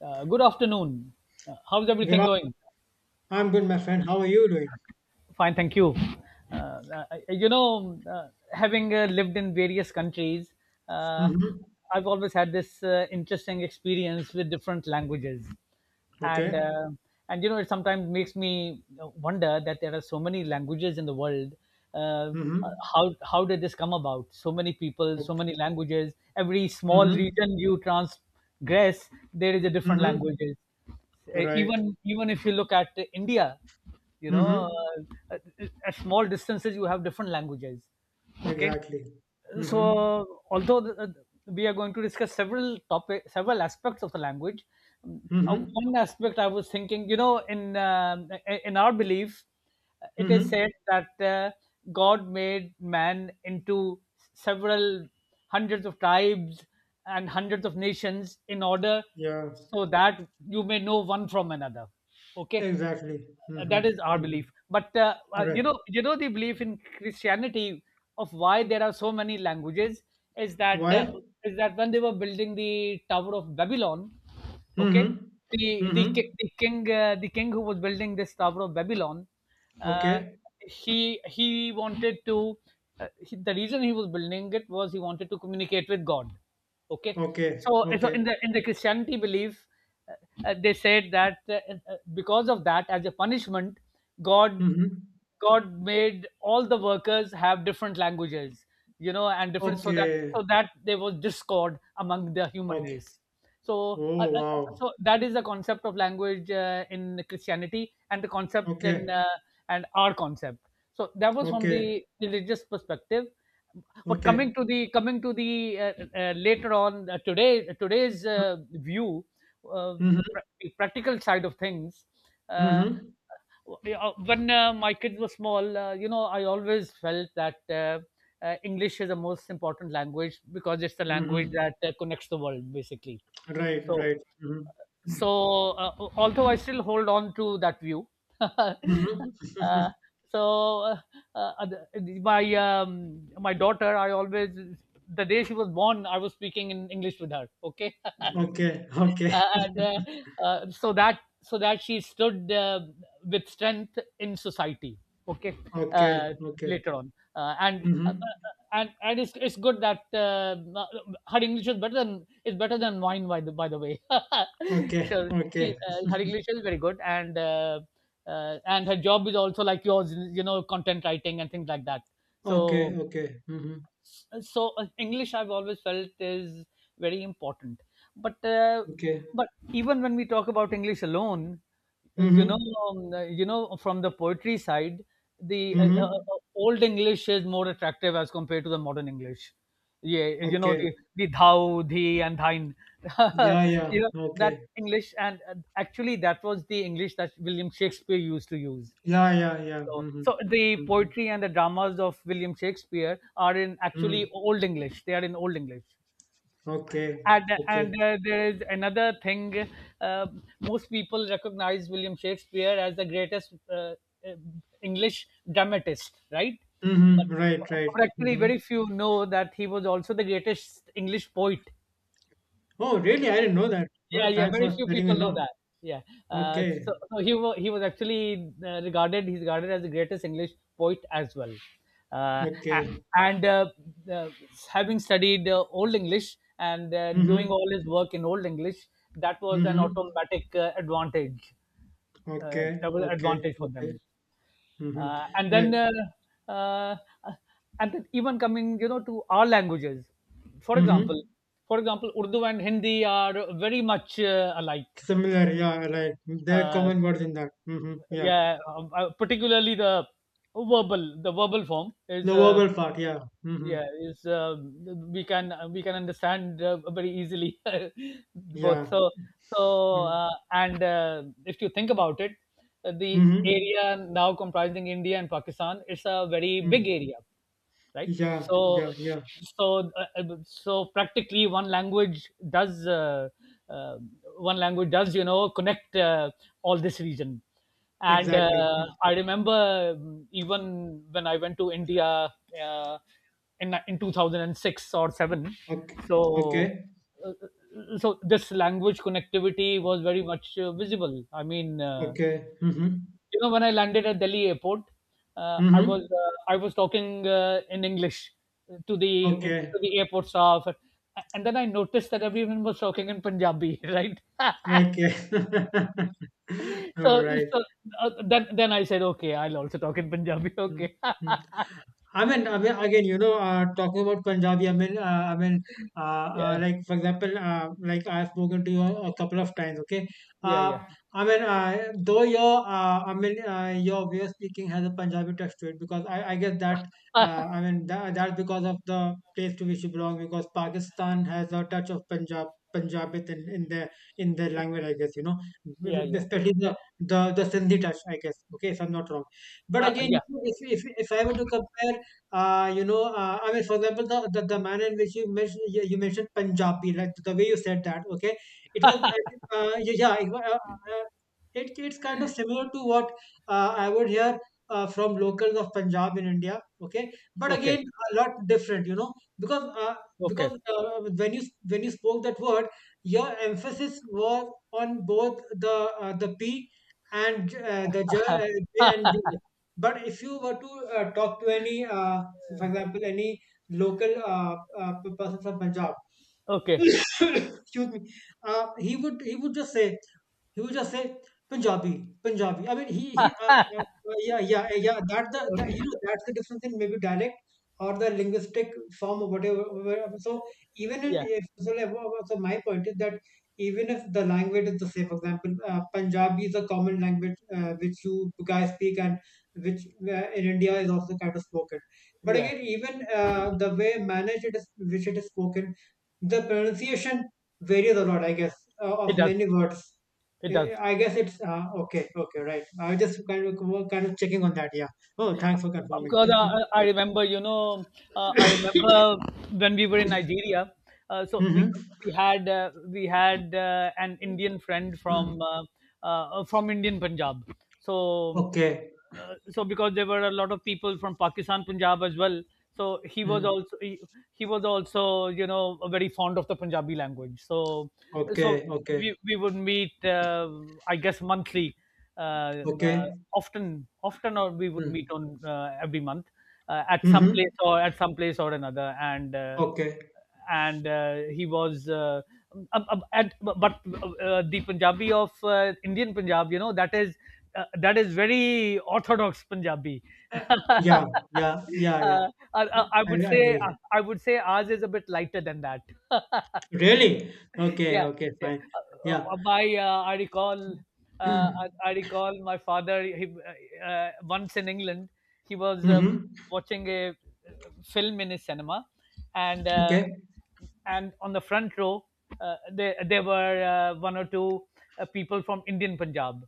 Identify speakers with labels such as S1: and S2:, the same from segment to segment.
S1: Good afternoon. How's everything
S2: Good.
S1: going?
S2: I'm good, my friend. How are you doing?
S1: Fine, thank you. Uh, I- Having lived in various countries, uh,
S2: Mm-hmm.
S1: I've always had this interesting experience with different languages. and
S2: Okay.
S1: uh, and you know, it sometimes makes me wonder that there are so many languages in the world. Uh, uh,
S2: Mm-hmm.
S1: how how did this come about? So many people, so
S2: Okay.
S1: many languages. Every small
S2: Mm-hmm.
S1: region you transgress, there is a different
S2: Mm-hmm.
S1: languages. Uh,
S2: Right.
S1: even even if you look at India, you know
S2: Mm-hmm.
S1: uh, at small distances you have different languages. Okay.
S2: Exactly.
S1: So,
S2: Mm-hmm.
S1: although we are going to discuss several aspects of the language. um,
S2: Mm-hmm.
S1: One aspect I was thinking, in in our belief, it is
S2: Mm-hmm.
S1: said that God made man into several hundreds of tribes and hundreds of nations in order,
S2: Yeah.
S1: so that you may know one from another. Okay.
S2: Exactly. Mm-hmm.
S1: That is our belief,
S2: Mm-hmm.
S1: but
S2: Right.
S1: the belief in Christianity of why there are so many languages is that,
S2: Why?
S1: is that when they were building the Tower of Babylon.
S2: Mm-hmm.
S1: Okay. the the,
S2: Mm-hmm.
S1: ki- the king uh, the king who was building this Tower of Babylon, uh,
S2: Okay.
S1: he he wanted to he, the reason he was building it was he wanted to communicate with God. Okay.
S2: Okay.
S1: So in
S2: Okay.
S1: the in the Christianity belief, uh, they said that, because of that, as a punishment, god
S2: Mm-hmm.
S1: god made all the workers have different languages, and different, so that
S2: Okay.
S1: so that there was discord among the human
S2: Okay.
S1: race. so uh,
S2: Oh
S1: uh, uh,
S2: wow.
S1: so that is the concept of language in Christianity, and the concept in,
S2: Okay.
S1: and our concept. So that was from
S2: Okay.
S1: the religious perspective. But coming
S2: Okay.
S1: to the coming to the uh, uh, later on, today's view, the
S2: Mm-hmm.
S1: prac- the practical side of things. Uh,
S2: Mm-hmm.
S1: when my kids were small, I always felt that, English is the most important language because it's the language
S2: Mm-hmm.
S1: that connects the world, basically.
S2: Right.
S1: So
S2: Right. Mm-hmm.
S1: so uh, Although I still hold on to that view.
S2: Mhm.
S1: uh, so uh, uh, my daughter, I always the day she was born I was speaking in English with her. Okay.
S2: Okay, okay,
S1: And So that, so that she stood, with strength in society. Okay.
S2: okay,
S1: uh,
S2: okay.
S1: Later on,
S2: Mhm.
S1: and it's good that, her English is better than mine, by the way.
S2: Okay,
S1: so she
S2: okay.
S1: her english is very good, and her job is also like yours, content writing and things like that. so
S2: Okay, okay. Mhm.
S1: so uh, English, I've always felt, is very important, but uh,
S2: Okay.
S1: but even when we talk about English alone, uh, you know
S2: Mhm.
S1: from the poetry side, the
S2: Mhm.
S1: Old English is more attractive as compared to the modern English. Yeah. The
S2: Okay.
S1: the thou, thee, and thine.
S2: Yeah, yeah.
S1: That
S2: Okay.
S1: English, and actually, that was the English that William Shakespeare used to use.
S2: Yeah, yeah, yeah.
S1: so,
S2: Mhm.
S1: so the
S2: Mhm.
S1: poetry and the dramas of William Shakespeare are, in
S2: Mhm.
S1: actually, Old English. They are in Old English.
S2: Okay.
S1: And,
S2: Okay.
S1: and uh, there is another thing. Uh, Most people recognize William Shakespeare as the greatest English dramatist, right? But
S2: Mhm. Right, right.
S1: but actually,
S2: Mhm.
S1: very few know that he was also the greatest English poet.
S2: Oh, really? I didn't know that.
S1: Yeah,
S2: Oh,
S1: yeah,
S2: thanks
S1: very
S2: for
S1: few
S2: letting me
S1: people know
S2: know.
S1: that. Yeah. uh,
S2: Okay.
S1: so, so he was actually, regarded he's regarded as the greatest English poet as well. Uh, a-
S2: Okay.
S1: and uh, Having studied Old English and doing
S2: Mhm.
S1: all his work in Old English, that was an
S2: Mhm.
S1: automatic advantage. That
S2: Okay.
S1: was an
S2: Okay.
S1: advantage for them.
S2: Okay. Mhm.
S1: uh, and
S2: Right.
S1: then uh, uh, uh, and then even coming, to our languages, For example,
S2: Mhm.
S1: for example Urdu and Hindi are very much alike.
S2: Similar, yeah, like there are
S1: uh,
S2: common words in that. Mm-hmm, yeah.
S1: yeah, particularly the verbal form is,
S2: The verbal part, yeah. Mm-hmm,
S1: yeah, is, we can understand very easily. Both.
S2: yeah.
S1: so so
S2: Mm-hmm,
S1: uh, and uh, if you think about it, the
S2: mm-hmm,
S1: area now comprising India and Pakistan is a very big
S2: mm.
S1: area, right?
S2: Yeah,
S1: so
S2: yeah, yeah.
S1: so uh, uh, so practically, uh, one language does, connect, all this region. and
S2: Exactly.
S1: uh, I remember, even when I went to India, uh, in 2006 or 7.
S2: Okay, okay,
S1: so so this language connectivity was very much visible, I mean,
S2: okay. Mm-hmm,
S1: when I landed at Delhi airport,
S2: mm-hmm.
S1: I was talking in English to the
S2: Okay,
S1: to the airport staff, and then I noticed that everyone was talking in Punjabi, right?
S2: okay.
S1: so
S2: All right.
S1: so then I said, okay, I'll also talk in Punjabi. Okay.
S2: Mm-hmm. I mean, again, talking about Punjabi,
S1: Yeah,
S2: like for example, like I've spoken to you a couple of times, okay?
S1: yeah,
S2: Uh,
S1: yeah.
S2: though your, your way of speaking has a Punjabi touch to it, because I guess that, that, that's because of the place to which you belong, because Pakistan has a touch of Punjab. Punjabit in their language, I guess, you know,
S1: Yeah, yeah,
S2: especially the Sindhi touch, I guess. Okay, if I'm not wrong. But again,
S1: yeah.
S2: if I were to compare I mean, for example, the manner in which you mentioned, you mentioned Punjabi, like the way you said that, okay? It was, I think, it's kind of similar to what I would hear from locals of Punjab in India, okay? But
S1: Okay,
S2: again, a lot different, you know, because uh,
S1: okay,
S2: because when you spoke that word, your emphasis was on both the P and the J and B. But if you were to talk to any, for example, any local person from Punjab,
S1: okay.
S2: excuse me, he would just say he will just say Punjabi, Punjabi. I mean, he he. Yeah. That The you know that's the difference in maybe dialect or the linguistic form or whatever. Whatever. So even in
S1: Yeah,
S2: if so, like, wha- wha- so my point is that even if the language is the same, for example, Punjabi is a common language which you guys speak and which in India is also kind of spoken. But
S1: yeah.
S2: again, even the way managed it is, which it is spoken, the pronunciation varies a lot, I guess,
S1: It
S2: of
S1: does.
S2: many words.
S1: It does.
S2: Eh, I guess it's Okay. Okay, right. I was just kind of checking on that. Yeah. Oh, thanks for confirming.
S1: Because, I
S2: Right.
S1: remember, when we were in Nigeria. So
S2: Mm-hmm.
S1: we had an Indian friend from,
S2: Mm-hmm.
S1: from Indian Punjab. So
S2: Okay.
S1: so because there were a lot of people from Pakistan Punjab as well. So
S2: Mm.
S1: he was also, very fond of the Punjabi language. So
S2: Okay. Okay.
S1: we would meet, I guess, monthly, uh, uh,
S2: Okay.
S1: often often or we would meet
S2: Mm.
S1: on every month, at some
S2: Mm-hmm.
S1: place, or another. and uh,
S2: Okay.
S1: and uh, he was, at, but the Punjabi of Indian Punjab, that is, that is very orthodox Punjabi.
S2: Uh,
S1: uh,
S2: Yeah. Yeah. Yeah. Yeah.
S1: I, I
S2: Yeah,
S1: I would
S2: I
S1: say
S2: agree.
S1: I would say ours is a bit lighter than that.
S2: Really? Okay.
S1: Yeah,
S2: Okay.
S1: yeah.
S2: Fine. Yeah.
S1: My, I recall my father. He, once in England, he was
S2: Mm-hmm.
S1: watching a film in his cinema, and uh,
S2: Okay.
S1: and on the front row, there were, one or two people from Indian Punjab.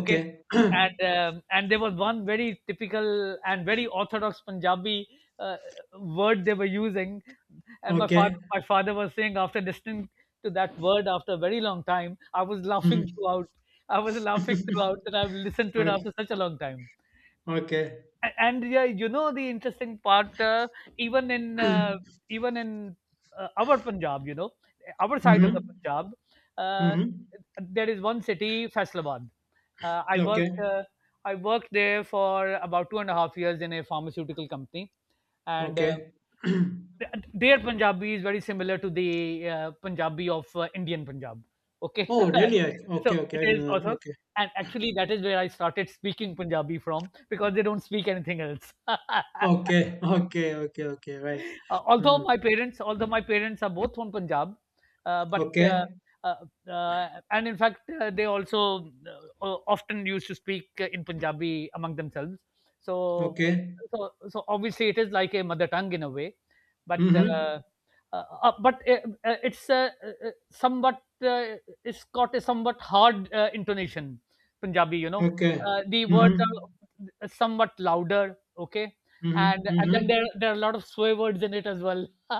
S1: Okay. And there was one very typical and very orthodox Punjabi uh, word they were using, and my
S2: Okay.
S1: father my father was saying, after listening to that word after a very long time, I was laughing
S2: Mm-hmm.
S1: throughout, I was laughing throughout, and I've listened to it
S2: Okay.
S1: after such a long time.
S2: Okay.
S1: And yeah, you know the interesting part: even in uh, even in, our Punjab, our side of the
S2: Mm-hmm.
S1: Punjab, uh,
S2: Mm-hmm.
S1: there is one city, Faisalabad. Uh, I worked
S2: Okay.
S1: uh, I worked there for about 2.5 years in a pharmaceutical company, and uh,
S2: Okay.
S1: th- their Punjabi is very similar to the, Punjabi of Indian Punjab. Okay.
S2: Oh, really? I- Okay,
S1: So
S2: okay,
S1: it
S2: I
S1: is
S2: didn't
S1: also.
S2: know that.
S1: And actually that is where I started speaking Punjabi from, because they don't speak anything else.
S2: Okay. Okay, okay, okay, okay, right.
S1: Uh, although
S2: Mm.
S1: my parents, although my parents are both from Punjab, but
S2: Okay,
S1: uh, and in fact, they also, often used to speak in Punjabi among themselves. So,
S2: okay.
S1: so obviously it is like a mother tongue in a way, but
S2: Mm-hmm.
S1: uh, but it's somewhat it's got a somewhat hard intonation, Punjabi.
S2: Okay.
S1: The words
S2: Mm-hmm.
S1: are somewhat louder. Okay.
S2: Mm-hmm.
S1: And then
S2: Mm-hmm.
S1: there are a lot of swear words in it as well.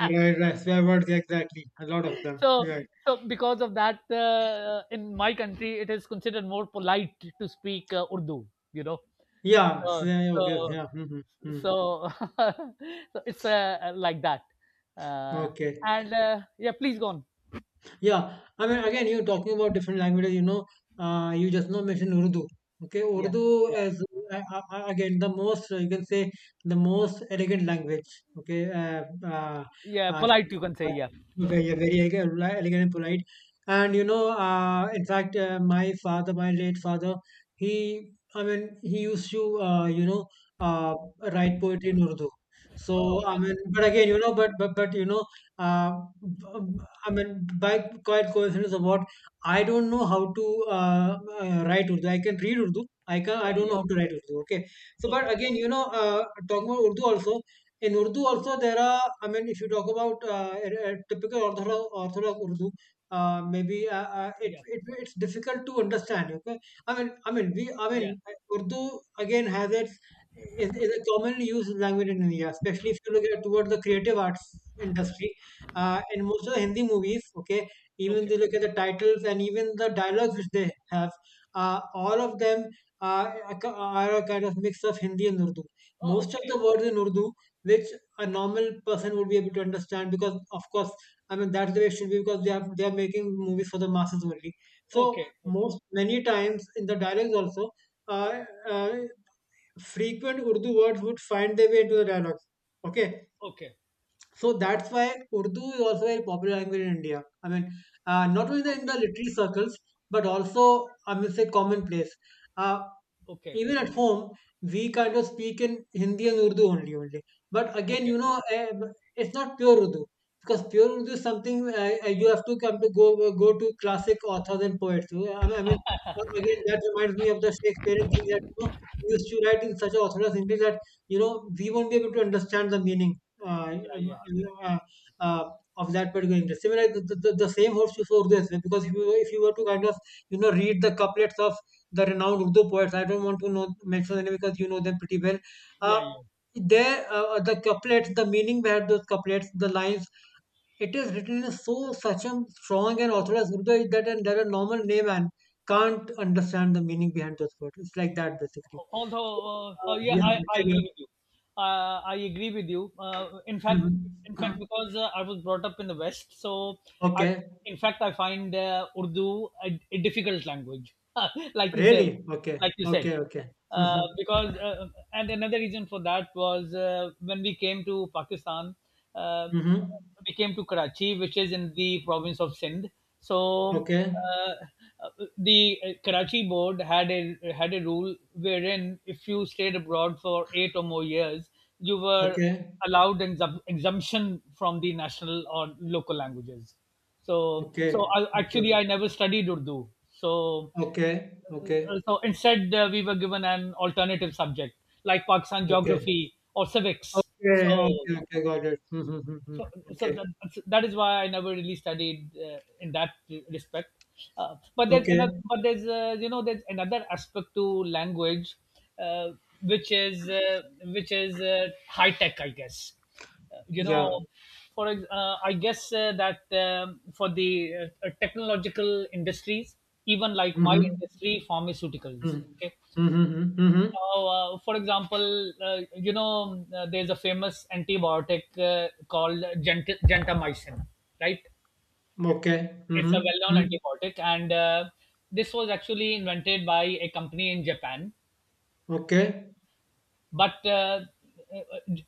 S2: Right, right. Swear words, exactly. A lot of them.
S1: so
S2: Right.
S1: so because of that, in my country it is considered more polite to speak Urdu, you know
S2: Yeah.
S1: uh,
S2: Swear,
S1: so
S2: okay. Yeah. Mm-hmm. Mm.
S1: so so it's, like that. Uh,
S2: Okay.
S1: and Yeah, please go on.
S2: Yeah, I mean, again, you're talking about different languages. You know, you just now mentioned Urdu. Okay,
S1: Yeah,
S2: Urdu
S1: yeah,
S2: is again the most you can say the most elegant language. Okay, uh, uh,
S1: yeah,
S2: uh,
S1: polite you can say. Yeah.
S2: Very very elegant and polite. And you know, in fact, my father, my late father, he used to, uh, write poetry in Urdu. So
S1: Oh,
S2: I mean,
S1: that.
S2: but again, you know, but you know. Uh, I mean, By quite coincidence of what I don't know how to write Urdu. I can read Urdu. I can. I
S1: Yeah,
S2: don't know
S1: yeah.
S2: how to write Urdu. Okay. So, but
S1: Okay.
S2: again, you know, talking about Urdu also. In Urdu also, there are. I mean, if you talk about a typical orthodox Urdu,
S1: Yeah,
S2: it, it's difficult to understand. Okay. I mean, I mean, we. I mean,
S1: yeah.
S2: Urdu again has its is a commonly used language in India, especially if you look at toward the creative arts industry in most of the Hindi movies, okay, even
S1: Okay.
S2: they look at the titles and even the dialogues which they have, all of them are, are a kind of mix of Hindi and Urdu.
S1: Oh,
S2: Most of the
S1: okay.
S2: words in Urdu, which a normal person would be able to understand, because of course, I mean that's the way it should be, because they are making movies for the masses only.
S1: Okay,
S2: So
S1: okay,
S2: most many times in the dialogues also, uh, uh, frequent Urdu words would find their way into the dialogues. Okay,
S1: okay,
S2: so that's why Urdu is also a popular language in India. I mean, not only in
S1: okay,
S2: the
S1: okay,
S2: literary circles, but also, I must say, commonplace. Uh,
S1: okay,
S2: Even at home, we kind of speak in Hindi and Urdu only, only. But again,
S1: okay.
S2: you know, it's not pure Urdu because pure Urdu is something you have to come to go go to classic authors and poets. So, I mean, again, that reminds me of the Shakespearean thing that you know he used to write in such an orthodox English that you know we won't be able to understand the meaning uh,
S1: Yeah,
S2: um,
S1: yeah.
S2: uh, uh, of that particular interest. Similarly, the same holds true for Urdu as well, because if you were to kind of you know read the couplets of the renowned Urdu poets, I don't want to know mention them because you know them pretty well. Uh,
S1: Yeah, yeah.
S2: the couplets, the meaning behind those couplets, the lines, it is written in so such a strong and authorized Urdu that and that a normal layman can't understand the meaning behind those words. It's like that basically. So,
S1: Although, yeah,
S2: yeah.
S1: I
S2: Okay. Yeah.
S1: agree with you. I agree with you. In fact,
S2: Mhm.
S1: because I was brought up in the West, so, I,
S2: Okay.
S1: in fact, I find Urdu a difficult language, like you said,
S2: Really? Okay.
S1: like you said.
S2: Okay, okay. Mhm.
S1: Because and Another reason for that was when we came to Pakistan. Uh,
S2: Mhm.
S1: we came to Karachi, which is in the province of Sindh. So
S2: Okay.
S1: uh, the Karachi board had a rule wherein if you stayed abroad for 8 or more years, you were
S2: Okay.
S1: allowed an exemption from the national or local languages. So
S2: Okay. Okay.
S1: actually, I never studied Urdu. So
S2: Okay. Okay.
S1: uh, so instead, we were given an alternative subject like Pakistan
S2: Okay.
S1: geography or civics. So
S2: Okay. Okay. Okay. Got it. Mhm. Mhm. Mhm.
S1: so so
S2: Okay.
S1: that is why I never really studied in that respect.
S2: Okay.
S1: But there's you know there's another aspect to language, uh, which is high tech, I guess. Uh, you
S2: Yeah.
S1: know, I guess that for the technological industries, even like my
S2: Mhm.
S1: industry, pharmaceuticals.
S2: Mhm.
S1: Okay.
S2: Mhm. Mhm. Mhm.
S1: Oh, for example, there's a famous antibiotic called gentamicin, right?
S2: Okay.
S1: It's a
S2: Mhm.
S1: well-known
S2: Mhm.
S1: antibiotic, and this was actually invented by a company in Japan.
S2: Okay.
S1: But uh,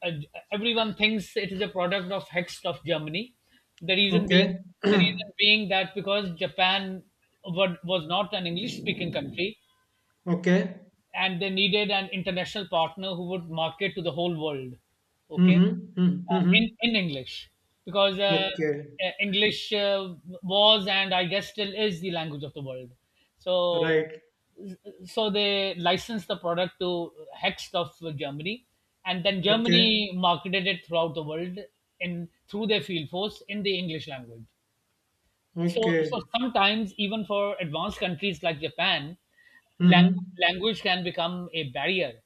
S1: uh, everyone thinks it is a product of Hext of Germany. The reason being,
S2: Okay.
S1: the reason being that because Japan was not an English-speaking country,
S2: Okay.
S1: and they needed an international partner who would market to the whole world, okay,
S2: Mhm. Mhm.
S1: in
S2: Mhm.
S1: in English, because
S2: Okay.
S1: English was and, I guess, still is the language of the world. So
S2: Right.
S1: so they licensed the product to Hext of Germany, and then
S2: Okay.
S1: Germany marketed it throughout the world in through their field force in the English language. So so
S2: Okay.
S1: sometimes, even for advanced countries like Japan, language,
S2: Mhm.
S1: language can become a barrier,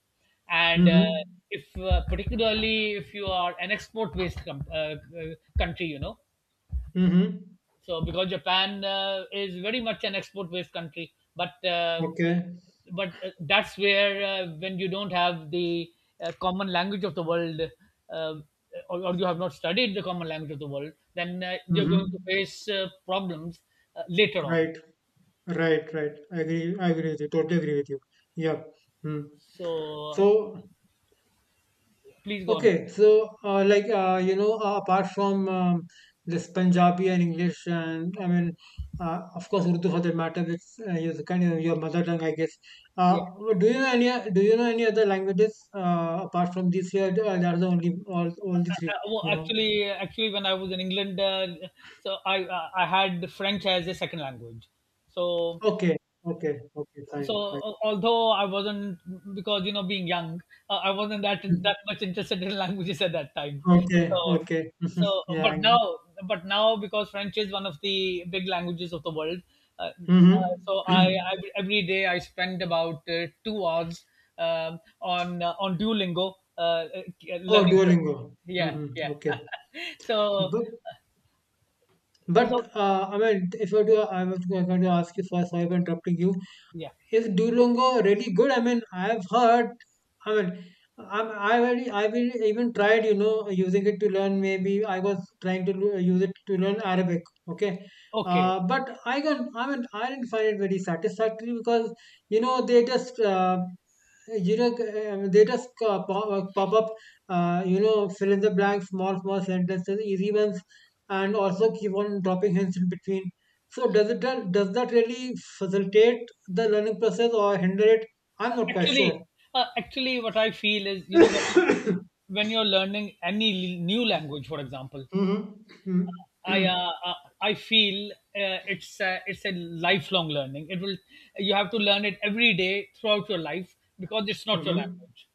S1: and
S2: Mhm.
S1: if particularly if you are an export based country, you know.
S2: Mhm.
S1: So because Japan is very much an export-based country. but uh,
S2: Okay.
S1: but uh, that's where when you don't have the common language of the world, uh, or you have not studied the common language of the world, then you're going to
S2: Mhm.
S1: face problems later on.
S2: Right, right, right. I agree. I agree with you. Totally agree with you. Yeah. Hmm.
S1: So
S2: So
S1: please go on.
S2: okay. So like apart from this Punjabi and English, and I mean, of course, Urdu for that matter, it's your kind of your mother tongue, I guess. Uh,
S1: Yeah.
S2: do you know any? Do you know any other languages apart from these here? That are the only all only three.
S1: Uh, well,
S2: You know.
S1: actually, uh, actually, when I was in England, so I had French as a second language. So
S2: Okay. Okay. Okay.
S1: so,
S2: Fine. Fine.
S1: although I wasn't, because, you know, being young, I wasn't that much interested in languages at that time.
S2: Mhm. Okay.
S1: So
S2: Okay. Mhm.
S1: so,
S2: Yeah.
S1: but now
S2: Agree.
S1: but now because French is one of the big languages of the world, so
S2: Mm-hmm.
S1: I, I every day I spend about 2 hours on Duolingo,
S2: Oh,
S1: learning French.
S2: Duolingo.
S1: Yeah, yeah.
S2: Mm-hmm. Okay.
S1: so
S2: But, but
S1: so,
S2: I mean, if I do, I was going to ask you first, sorry for interrupting you.
S1: yeah.
S2: Is Duolingo really good? I mean, I've heard. I mean, I've already, I've even tried, you know, using it to learn. Maybe I was trying to use it to learn Arabic. Okay,
S1: Okay.
S2: but I got, I mean, I didn't find it very satisfactory because you know they just. You know, they just pop up, you know, fill in the blank, small, small sentences, easy ones, and also keep on dropping hints in between. So does that really facilitate the learning process or hinder it? I'm
S1: Uh,
S2: not quite sure.
S1: Actually, Actually, what I feel is, you know,
S2: Mm-hmm.
S1: when you're learning any new language, for example, I uh, uh, I feel it's a, lifelong learning. It will You have to learn it every day throughout your life, because it's not your
S2: Mm-hmm.
S1: language.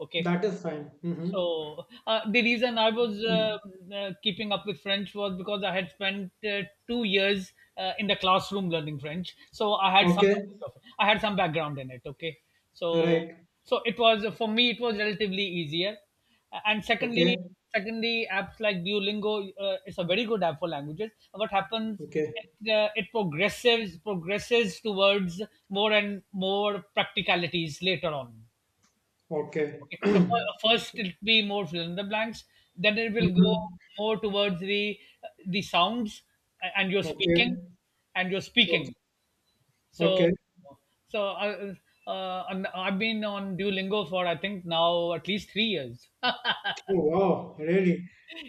S1: Okay,
S2: That is fine. Mm-hmm.
S1: so the reason I was
S2: Mm-hmm.
S1: keeping up with French was because I had spent 2 years in the classroom learning French, so I had some
S2: Okay.
S1: knowledge of it. I had some background in it. Okay, so
S2: Right.
S1: so it was, for me it was relatively easier, and
S2: Okay.
S1: secondly, apps like Duolingo is a very good app for languages. What happens?
S2: Okay.
S1: It progresses towards more and more practicalities later on.
S2: Okay.
S1: Okay, so first it'll be more fill in the blanks, then it will go
S2: Mhm.
S1: more towards the sounds, and you're
S2: Okay.
S1: speaking, and you're
S2: Okay.
S1: speaking. So
S2: Okay.
S1: so, and I've been on Duolingo for, I think, now at least 3 years.
S2: Oh, wow. Really?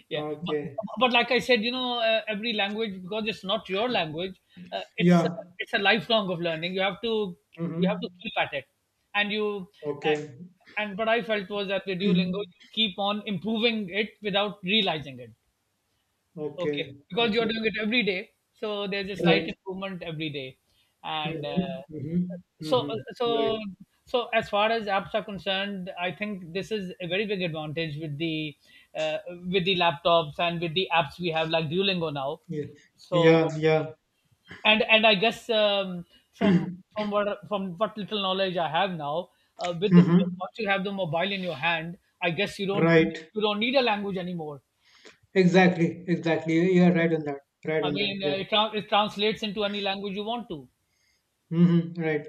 S1: Yeah. but,
S2: Okay.
S1: but like I said, you know, every language, because it's not your language,
S2: Yeah.
S1: it's a lifelong of learning. You have to,
S2: Mm-hmm.
S1: keep at it. And you, uh,
S2: Okay.
S1: and what I felt was that with Duolingo you keep on improving it without realizing it.
S2: Okay.
S1: Okay, because you're
S2: Okay.
S1: doing it every day, so there's a slight
S2: Right.
S1: improvement every day, and
S2: Mm-hmm. Mm-hmm.
S1: so uh,
S2: Mm-hmm. Right.
S1: so so as far as apps are concerned, I think this is a very big advantage with the, uh, with the laptops and with the apps we have like Duolingo now.
S2: Yeah, yeah,
S1: So,
S2: yeah.
S1: and I guess, from from what, little knowledge I have now, uh, with the,
S2: Mm-hmm.
S1: once you have the mobile in your hand, I guess
S2: Right.
S1: you don't need a language anymore.
S2: Exactly, exactly. You are right on that. Right
S1: I
S2: on that.
S1: mean,
S2: Yeah.
S1: it translates into any language you want to.
S2: Mm-hmm. Right.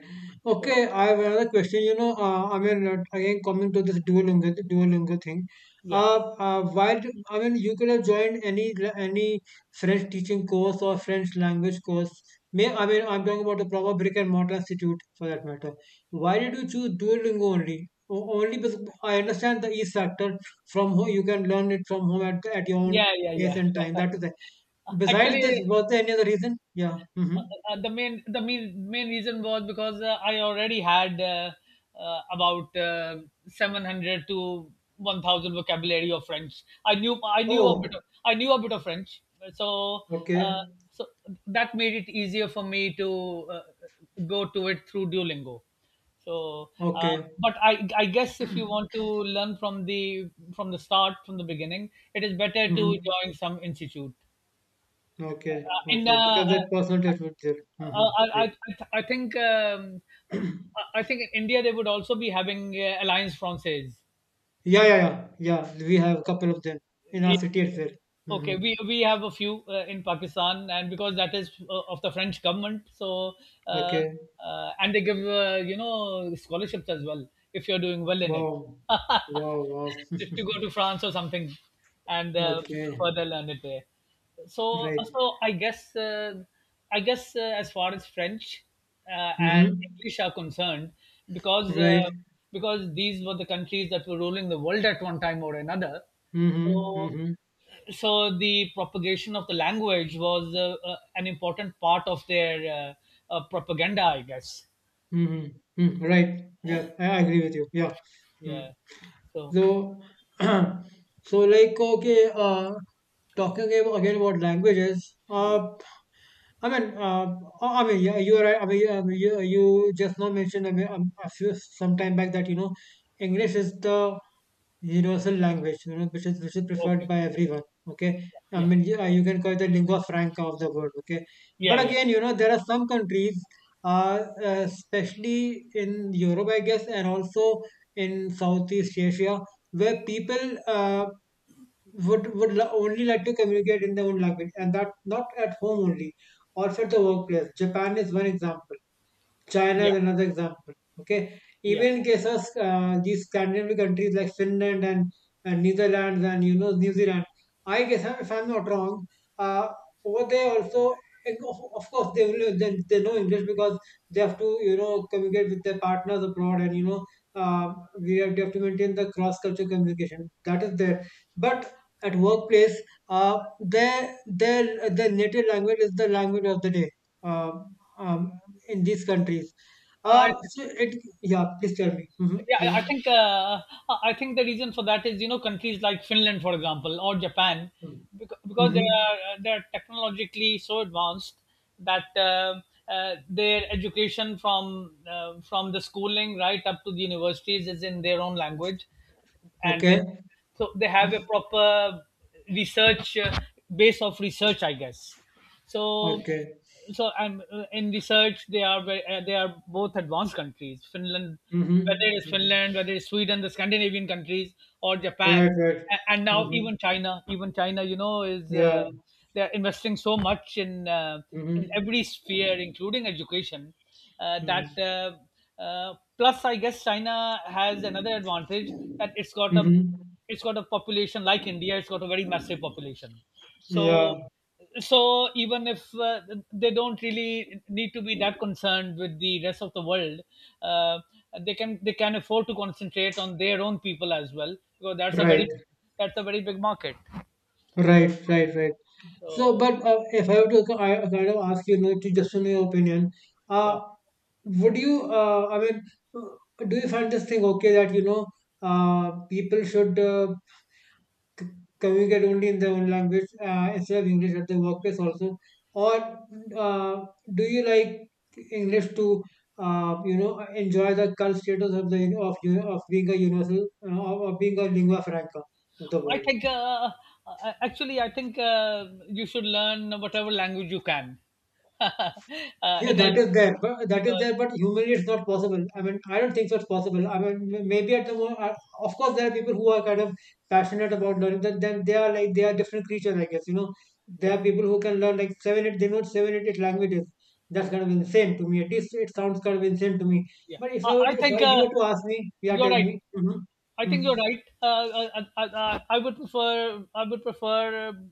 S1: So,
S2: Okay. I have another question. You know, I mean, again, coming to this Duolingo, Duolingo thing.
S1: yeah,
S2: Uh, while I mean, you could have joined any French teaching course or French language course. May I mean, I'm talking about a proper brick and mortar institute for that matter. Why did you choose Duolingo only? O- Only because I understand the ease factor from home. You can learn it from home at your own
S1: yeah, yeah,
S2: pace
S1: yeah.
S2: and time. That is
S1: Yeah.
S2: Besides this,
S1: Actually,
S2: was there any other reason? Yeah. Hmm.
S1: Uh, the main reason was because I already had, about, 700 to 1,000 vocabulary of French.
S2: Oh,
S1: I knew a bit of French, so uh,
S2: okay,
S1: so that made it easier for me to uh, go to it through Duolingo. So,
S2: okay,
S1: but I guess if you want to learn from the start, from the beginning, it is better to
S2: hmm
S1: join some institute.
S2: okay,
S1: In
S2: okay. Because that personal touch was there. Mm-hmm.
S1: I,
S2: Right.
S1: I, I think, I think in India they would also be having, Alliance Française.
S2: Yeah, yeah, yeah, yeah. We have a couple of them in our city as well. Hmm
S1: Okay, we have a few in Pakistan, and because that is of the French government, so, uh,
S2: Okay.
S1: and they give, scholarships as well if you're doing well in it,
S2: Wow. Wow. Wow.
S1: if you go to France or something, and
S2: Okay.
S1: further learn it there. So
S2: Right.
S1: so I guess, as far as French and
S2: hmm
S1: English are concerned, because uh,
S2: Right.
S1: because these were the countries that were ruling the world at one time or another,
S2: Mm-hmm.
S1: so
S2: Mm-hmm.
S1: so the propagation of the language was an important part of their propaganda, I guess.
S2: Mm-hmm. Mm, right. Yeah. I agree with you. Yeah. Mm-hmm.
S1: Yeah. So.
S2: So, so like okay, Talking again about languages. I mean, uh, you are right. You just now mentioned, a few some time back, that you know English is the universal language, you know, which is preferred
S1: Okay.
S2: by everyone. Okay,
S1: Yeah,
S2: you can call it the lingua franca of the world. Okay,
S1: yeah,
S2: but
S1: yeah,
S2: again, you know, there are some countries, especially in Europe, I guess, and also in Southeast Asia, where people only like to communicate in their own language, and that not at home only, also at the workplace. Japan is one example. China
S1: yeah,
S2: is another example. Okay,
S1: yeah.
S2: even cases, these Scandinavian countries like Finland and Netherlands, and you know, New Zealand. I guess, if I'm not wrong, uh, over there also, and of course they will they know English because they have to, you know, communicate with their partners abroad, and uh, they have to maintain the cross cultural communication that is there. But at workplace, their native language is the language of the day. Um, um, in these countries.
S1: I
S2: Uh, so it, yeah, please tell me. Hmm
S1: Yeah,
S2: yeah.
S1: I think the reason for that is, you know, countries like Finland, for example, or Japan, because they
S2: Mm-hmm.
S1: are they are technologically so advanced, that their education from, from the schooling right up to the universities is in their own language, and
S2: Okay.
S1: so they have a proper research base of research, I guess. So
S2: Okay.
S1: so, I'm in research. They are both advanced countries.
S2: Mm-hmm. Mm-hmm.
S1: Finland, whether it's Sweden, the Scandinavian countries, or
S2: Right,
S1: Japan.
S2: right.
S1: And now
S2: Mm-hmm.
S1: even China. Even China, you know, is
S2: Yeah.
S1: they are investing so much in, in
S2: Mm-hmm.
S1: every sphere, including education, that.
S2: Mm-hmm.
S1: Plus, I guess China has another advantage, that it's got a
S2: Mm-hmm.
S1: it's got a population like India. It's got a very massive population, so
S2: Yeah.
S1: so even if, they don't really need to be that concerned with the rest of the world, uh, they can afford to concentrate on their own people as well, because
S2: Right.
S1: that's a very big market.
S2: Right, right, right. So,
S1: so
S2: but if I were to kind of ask you, you know, to just know your opinion,
S1: yeah
S2: uh, would you, do you find this thing okay that, you know, people should communicate only in their own language instead of English at the workplace also? Or uh, do you like English to, you know, enjoy the current status of the of being a universal, or being a lingua franca of the
S1: i
S2: world?
S1: think uh, uh, actually, I think, you should learn whatever language you can.
S2: Yeah,
S1: It
S2: that
S1: is
S2: is there, but that is
S1: because
S2: there, but humanly it's not possible. I mean, I don't think so it's possible. I mean, maybe at the moment, of course, there are people who are kind of passionate about learning. Then they are like they are different creatures, I guess. You know, there
S1: yeah,
S2: are people who can learn like seven, eight. They know seven, eight, eight languages. That's kind of insane to me. At least it sounds kind of insane to me.
S1: yeah,
S2: But if I were
S1: I
S2: to, if
S1: think,
S2: I, you were to ask me, you are
S1: you're
S2: telling
S1: right.
S2: me, mm-hmm,
S1: I think
S2: mm-hmm,
S1: you're right. I would prefer,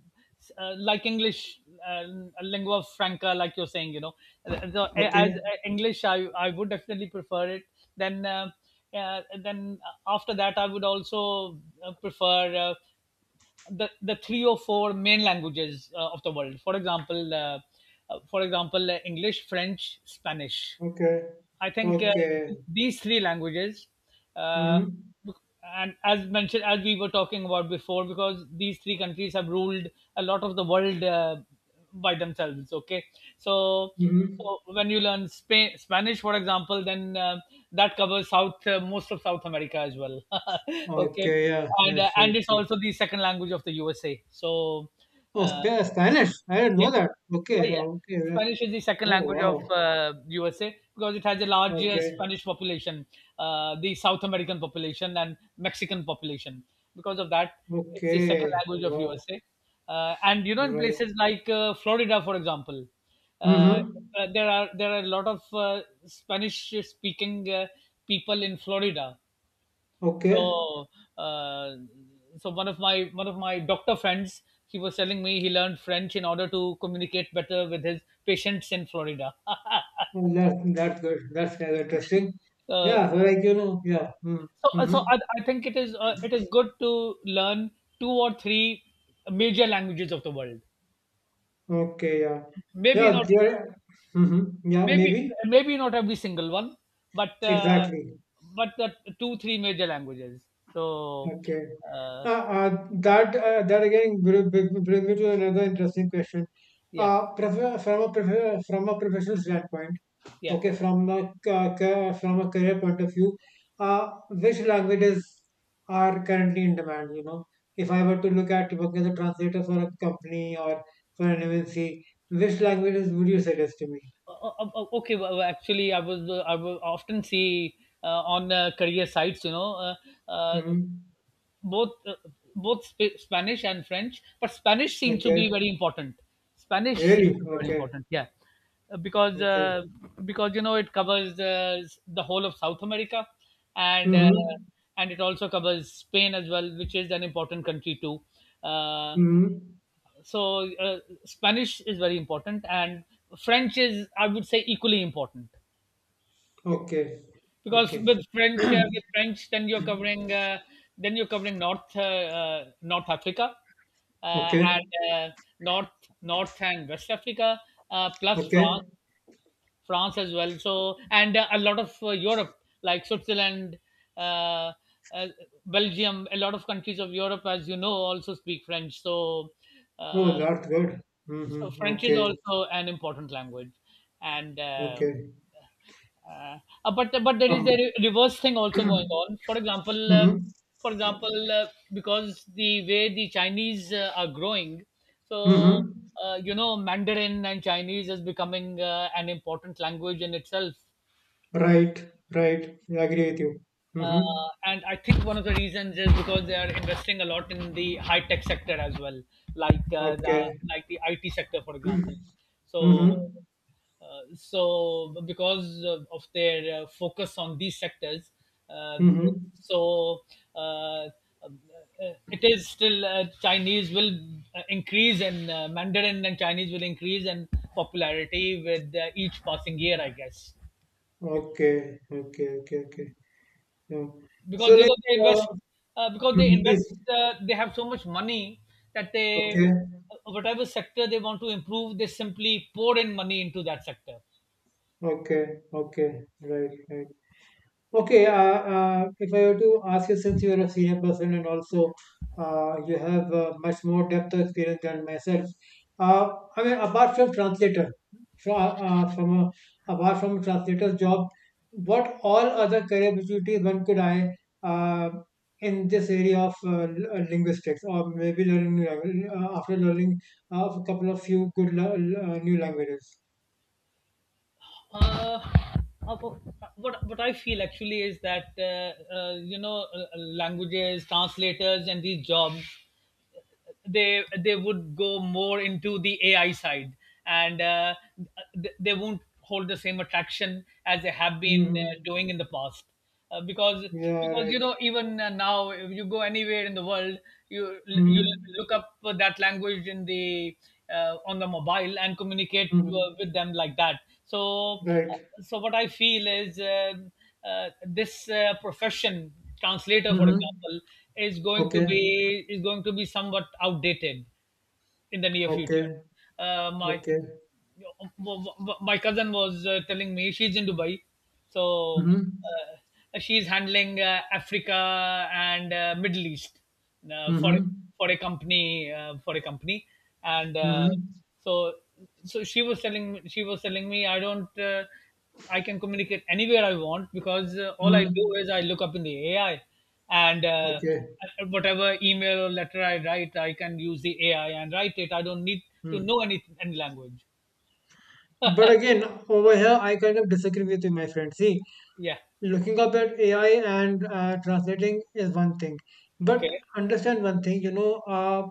S1: like English, uh, lingua franca, like you're saying. You know, so a- as
S2: okay,
S1: English, I would definitely prefer it. Then, uh, then after that, I would also prefer, the three or four main languages of the world. For example, English, French, Spanish.
S2: okay,
S1: I think,
S2: okay,
S1: these three languages, uh,
S2: mm-hmm,
S1: bec- and, as mentioned, as we were talking about before, because these three countries have ruled a lot of the world, by themselves. Okay, so
S2: mm-hmm,
S1: so when you learn Spanish, for example, then, that covers South, most of South America as well. Okay,
S2: okay, yeah, that's right.
S1: and it's also the second language of the USA. So.
S2: Oh,
S1: Uh,
S2: Spanish. I didn't
S1: yeah,
S2: know that.
S1: yeah,
S2: Okay.
S1: yeah.
S2: Oh, okay. Right.
S1: Spanish is the second
S2: Oh,
S1: language of
S2: wow.
S1: USA because it has a large,
S2: Okay.
S1: Spanish population, the South American population and Mexican population. Because of that, it's the second
S2: Okay.
S1: language of
S2: Wow.
S1: USA. And, you know, in
S2: Right.
S1: places like Florida, for example, uh,
S2: Mm-hmm.
S1: there are, a lot of Spanish-speaking people in Florida.
S2: Okay.
S1: So, uh, one of my doctor friends, he was telling me he learned French in order to communicate better with his patients in Florida.
S2: Well, that, that's good. That's kind of interesting.
S1: uh,
S2: Yeah. So, like, you know, yeah. Mm,
S1: so,
S2: mm-hmm.
S1: so I, I think it is, it is good to learn two or three major languages of the world.
S2: Okay. Yeah.
S1: Maybe
S2: Yeah.
S1: not,
S2: There, mm-hmm. Yeah.
S1: maybe
S2: Maybe.
S1: maybe not every single one, but,
S2: Exactly.
S1: but the two three major languages. So,
S2: Okay.
S1: uh,
S2: That again brings me to another interesting question.
S1: yeah,
S2: From a professional standpoint.
S1: yeah.
S2: Okay, from the from a career point of view, which languages are currently in demand? You know, if I were to look at working as a translator for a company or for an MNC, which languages would you suggest to me?
S1: Okay, well, actually, I will often see, uh, on career sites, you know, uh,
S2: Mm-hmm.
S1: both uh, both Sp- spanish and French, but Spanish seems to be
S2: Okay.
S1: very important. spanish seems
S2: Really?
S1: to be very
S2: Okay.
S1: important yeah. Uh, because
S2: Okay.
S1: uh, because you know, it covers, the whole of South America, and uh,
S2: Mm-hmm.
S1: and it also covers Spain as well, which is an important country too. uh,
S2: Mm-hmm.
S1: so uh, Spanish is very important, and French is, I would say, equally important,
S2: Okay.
S1: because
S2: Okay.
S1: with French, then you're covering, then you're covering North, North Africa,
S2: Okay.
S1: and north North and West Africa, plus France.
S2: Okay.
S1: France as well. And, a lot of, Europe, like Switzerland, uh, uh, Belgium, a lot of countries of Europe, as you know, also speak French.
S2: Oh,
S1: Uh,
S2: that's good.
S1: So
S2: Mm-hmm.
S1: French is
S2: Okay.
S1: also an important language, and
S2: Okay.
S1: uh, but there is a
S2: Um.
S1: reverse thing also going on. For example,
S2: mm-hmm.
S1: because the way the Chinese are growing, so,
S2: Mm-hmm.
S1: you know, Mandarin and Chinese is becoming, an important language in itself.
S2: Right, right. I agree with you.
S1: Uh,
S2: Mm-hmm.
S1: and I think one of the reasons is because they are investing a lot in the high tech sector as well, like the
S2: Okay.
S1: like the IT sector, for example. So,
S2: Mm-hmm.
S1: so because of their, focus on these sectors, uh,
S2: Mm-hmm.
S1: so uh, um, it is still, Chinese will, increase, and Mandarin and Chinese will increase in popularity with each passing year, I guess.
S2: Okay. Okay. Okay. Okay. Yeah.
S1: Because,
S2: So
S1: you
S2: like,
S1: know, they invest,
S2: uh,
S1: because they
S2: mhm,
S1: invest,
S2: this.
S1: they have so much money that they,
S2: Okay.
S1: whatever sector they want to improve they simply pour in money into that sector.
S2: Okay. Okay. Right. Right. Okay, if I were to ask you, since you're a senior person and also you have much more depth of experience than myself, uh, apart from translator, from, uh, uh, from a, apart from translator's job, what all other career opportunities one could eye uh, in this area of linguistics, or maybe learning new language, after learning a couple of few good new languages?
S1: uh, uh, what, I feel actually is that, you know, languages, translators, and these jobs, they, would go more into the AI side, and they won't hold the same attraction as they have been,
S2: Hmm
S1: doing in the past. Because,
S2: Yeah,
S1: because, you
S2: right.
S1: know, even now, if you go anywhere in the world, you,
S2: hmm
S1: you look up that language in the, on the mobile, and communicate
S2: hmm
S1: with them like that. So,
S2: Right.
S1: what I feel is, this profession, translator for
S2: Mhm.
S1: example, is going to
S2: Okay,
S1: be, somewhat outdated in the near future.
S2: okay,
S1: My
S2: okay.
S1: my cousin was, telling me, she's in Dubai, so,
S2: Mhm.
S1: she's handling, Africa and Middle East, for,
S2: Mhm.
S1: a company, and,
S2: Mhm.
S1: so so she was telling me. I don't. I can communicate anywhere I want, because, all I do
S2: Mm.
S1: is I look up in the AI, and,
S2: Okay.
S1: whatever email or letter I write, I can use the AI and write it. I don't need to
S2: Mm.
S1: know any language.
S2: But again, over here, I kind of disagree with you, my friend. See,
S1: Yeah.
S2: looking up at AI and, translating is one thing, but
S1: Okay.
S2: understand one thing. You know,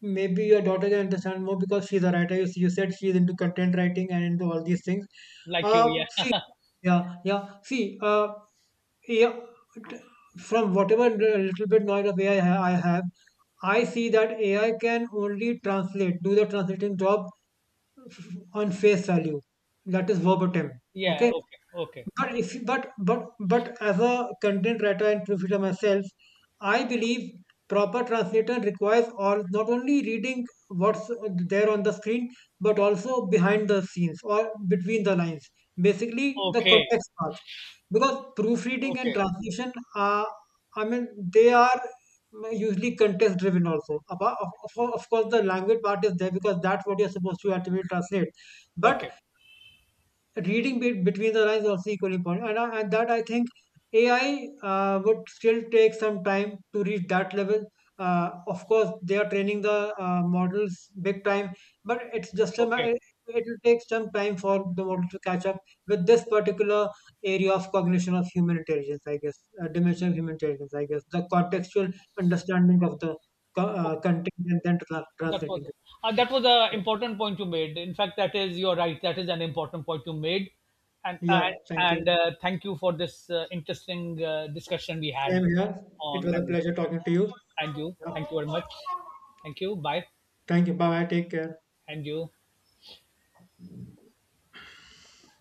S2: maybe your daughter can understand more because she's a writer. You said she's into content writing and into all these things.
S1: Like you.
S2: Uh,
S1: Yeah.
S2: yeah, yeah. See, yeah, from whatever little bit knowledge of AI I have, I see that AI can only translate, do the translating job on face value. That is verbatim.
S1: Yeah.
S2: Okay.
S1: Okay. Okay.
S2: But if you- but as a content writer and proofreader myself, I believe proper translation requires or not only reading what's there on the screen, but also behind the scenes or between the lines. Basically, the
S1: Okay.
S2: context part, because proofreading and
S1: Okay.
S2: translation are, I mean, they are usually context driven also. Apart of course, the language part is there because that's what you're supposed to ultimately translate. But
S1: Okay.
S2: reading between the lines is also equally important, and and that I think AI, would still take some time to reach that level. Of course, they are training the, models big time, but it's just a
S1: Okay.
S2: it will take some time for the model to catch up with this particular area of cognition of human intelligence, I guess, dimension of human intelligence, I guess, the contextual understanding of the content, and then
S1: That
S2: translating
S1: was
S2: it.
S1: that was an important point you made. In fact, that is, you're right. That is an important point you made, and,
S2: Yeah, thank you.
S1: thank you for this interesting discussion we had
S2: Same here. It
S1: on
S2: was a
S1: language.
S2: pleasure talking to you.
S1: And you,
S2: Yeah.
S1: thank you very much. Thank you. Bye.
S2: Thank you. Bye bye. Take care.
S1: And you.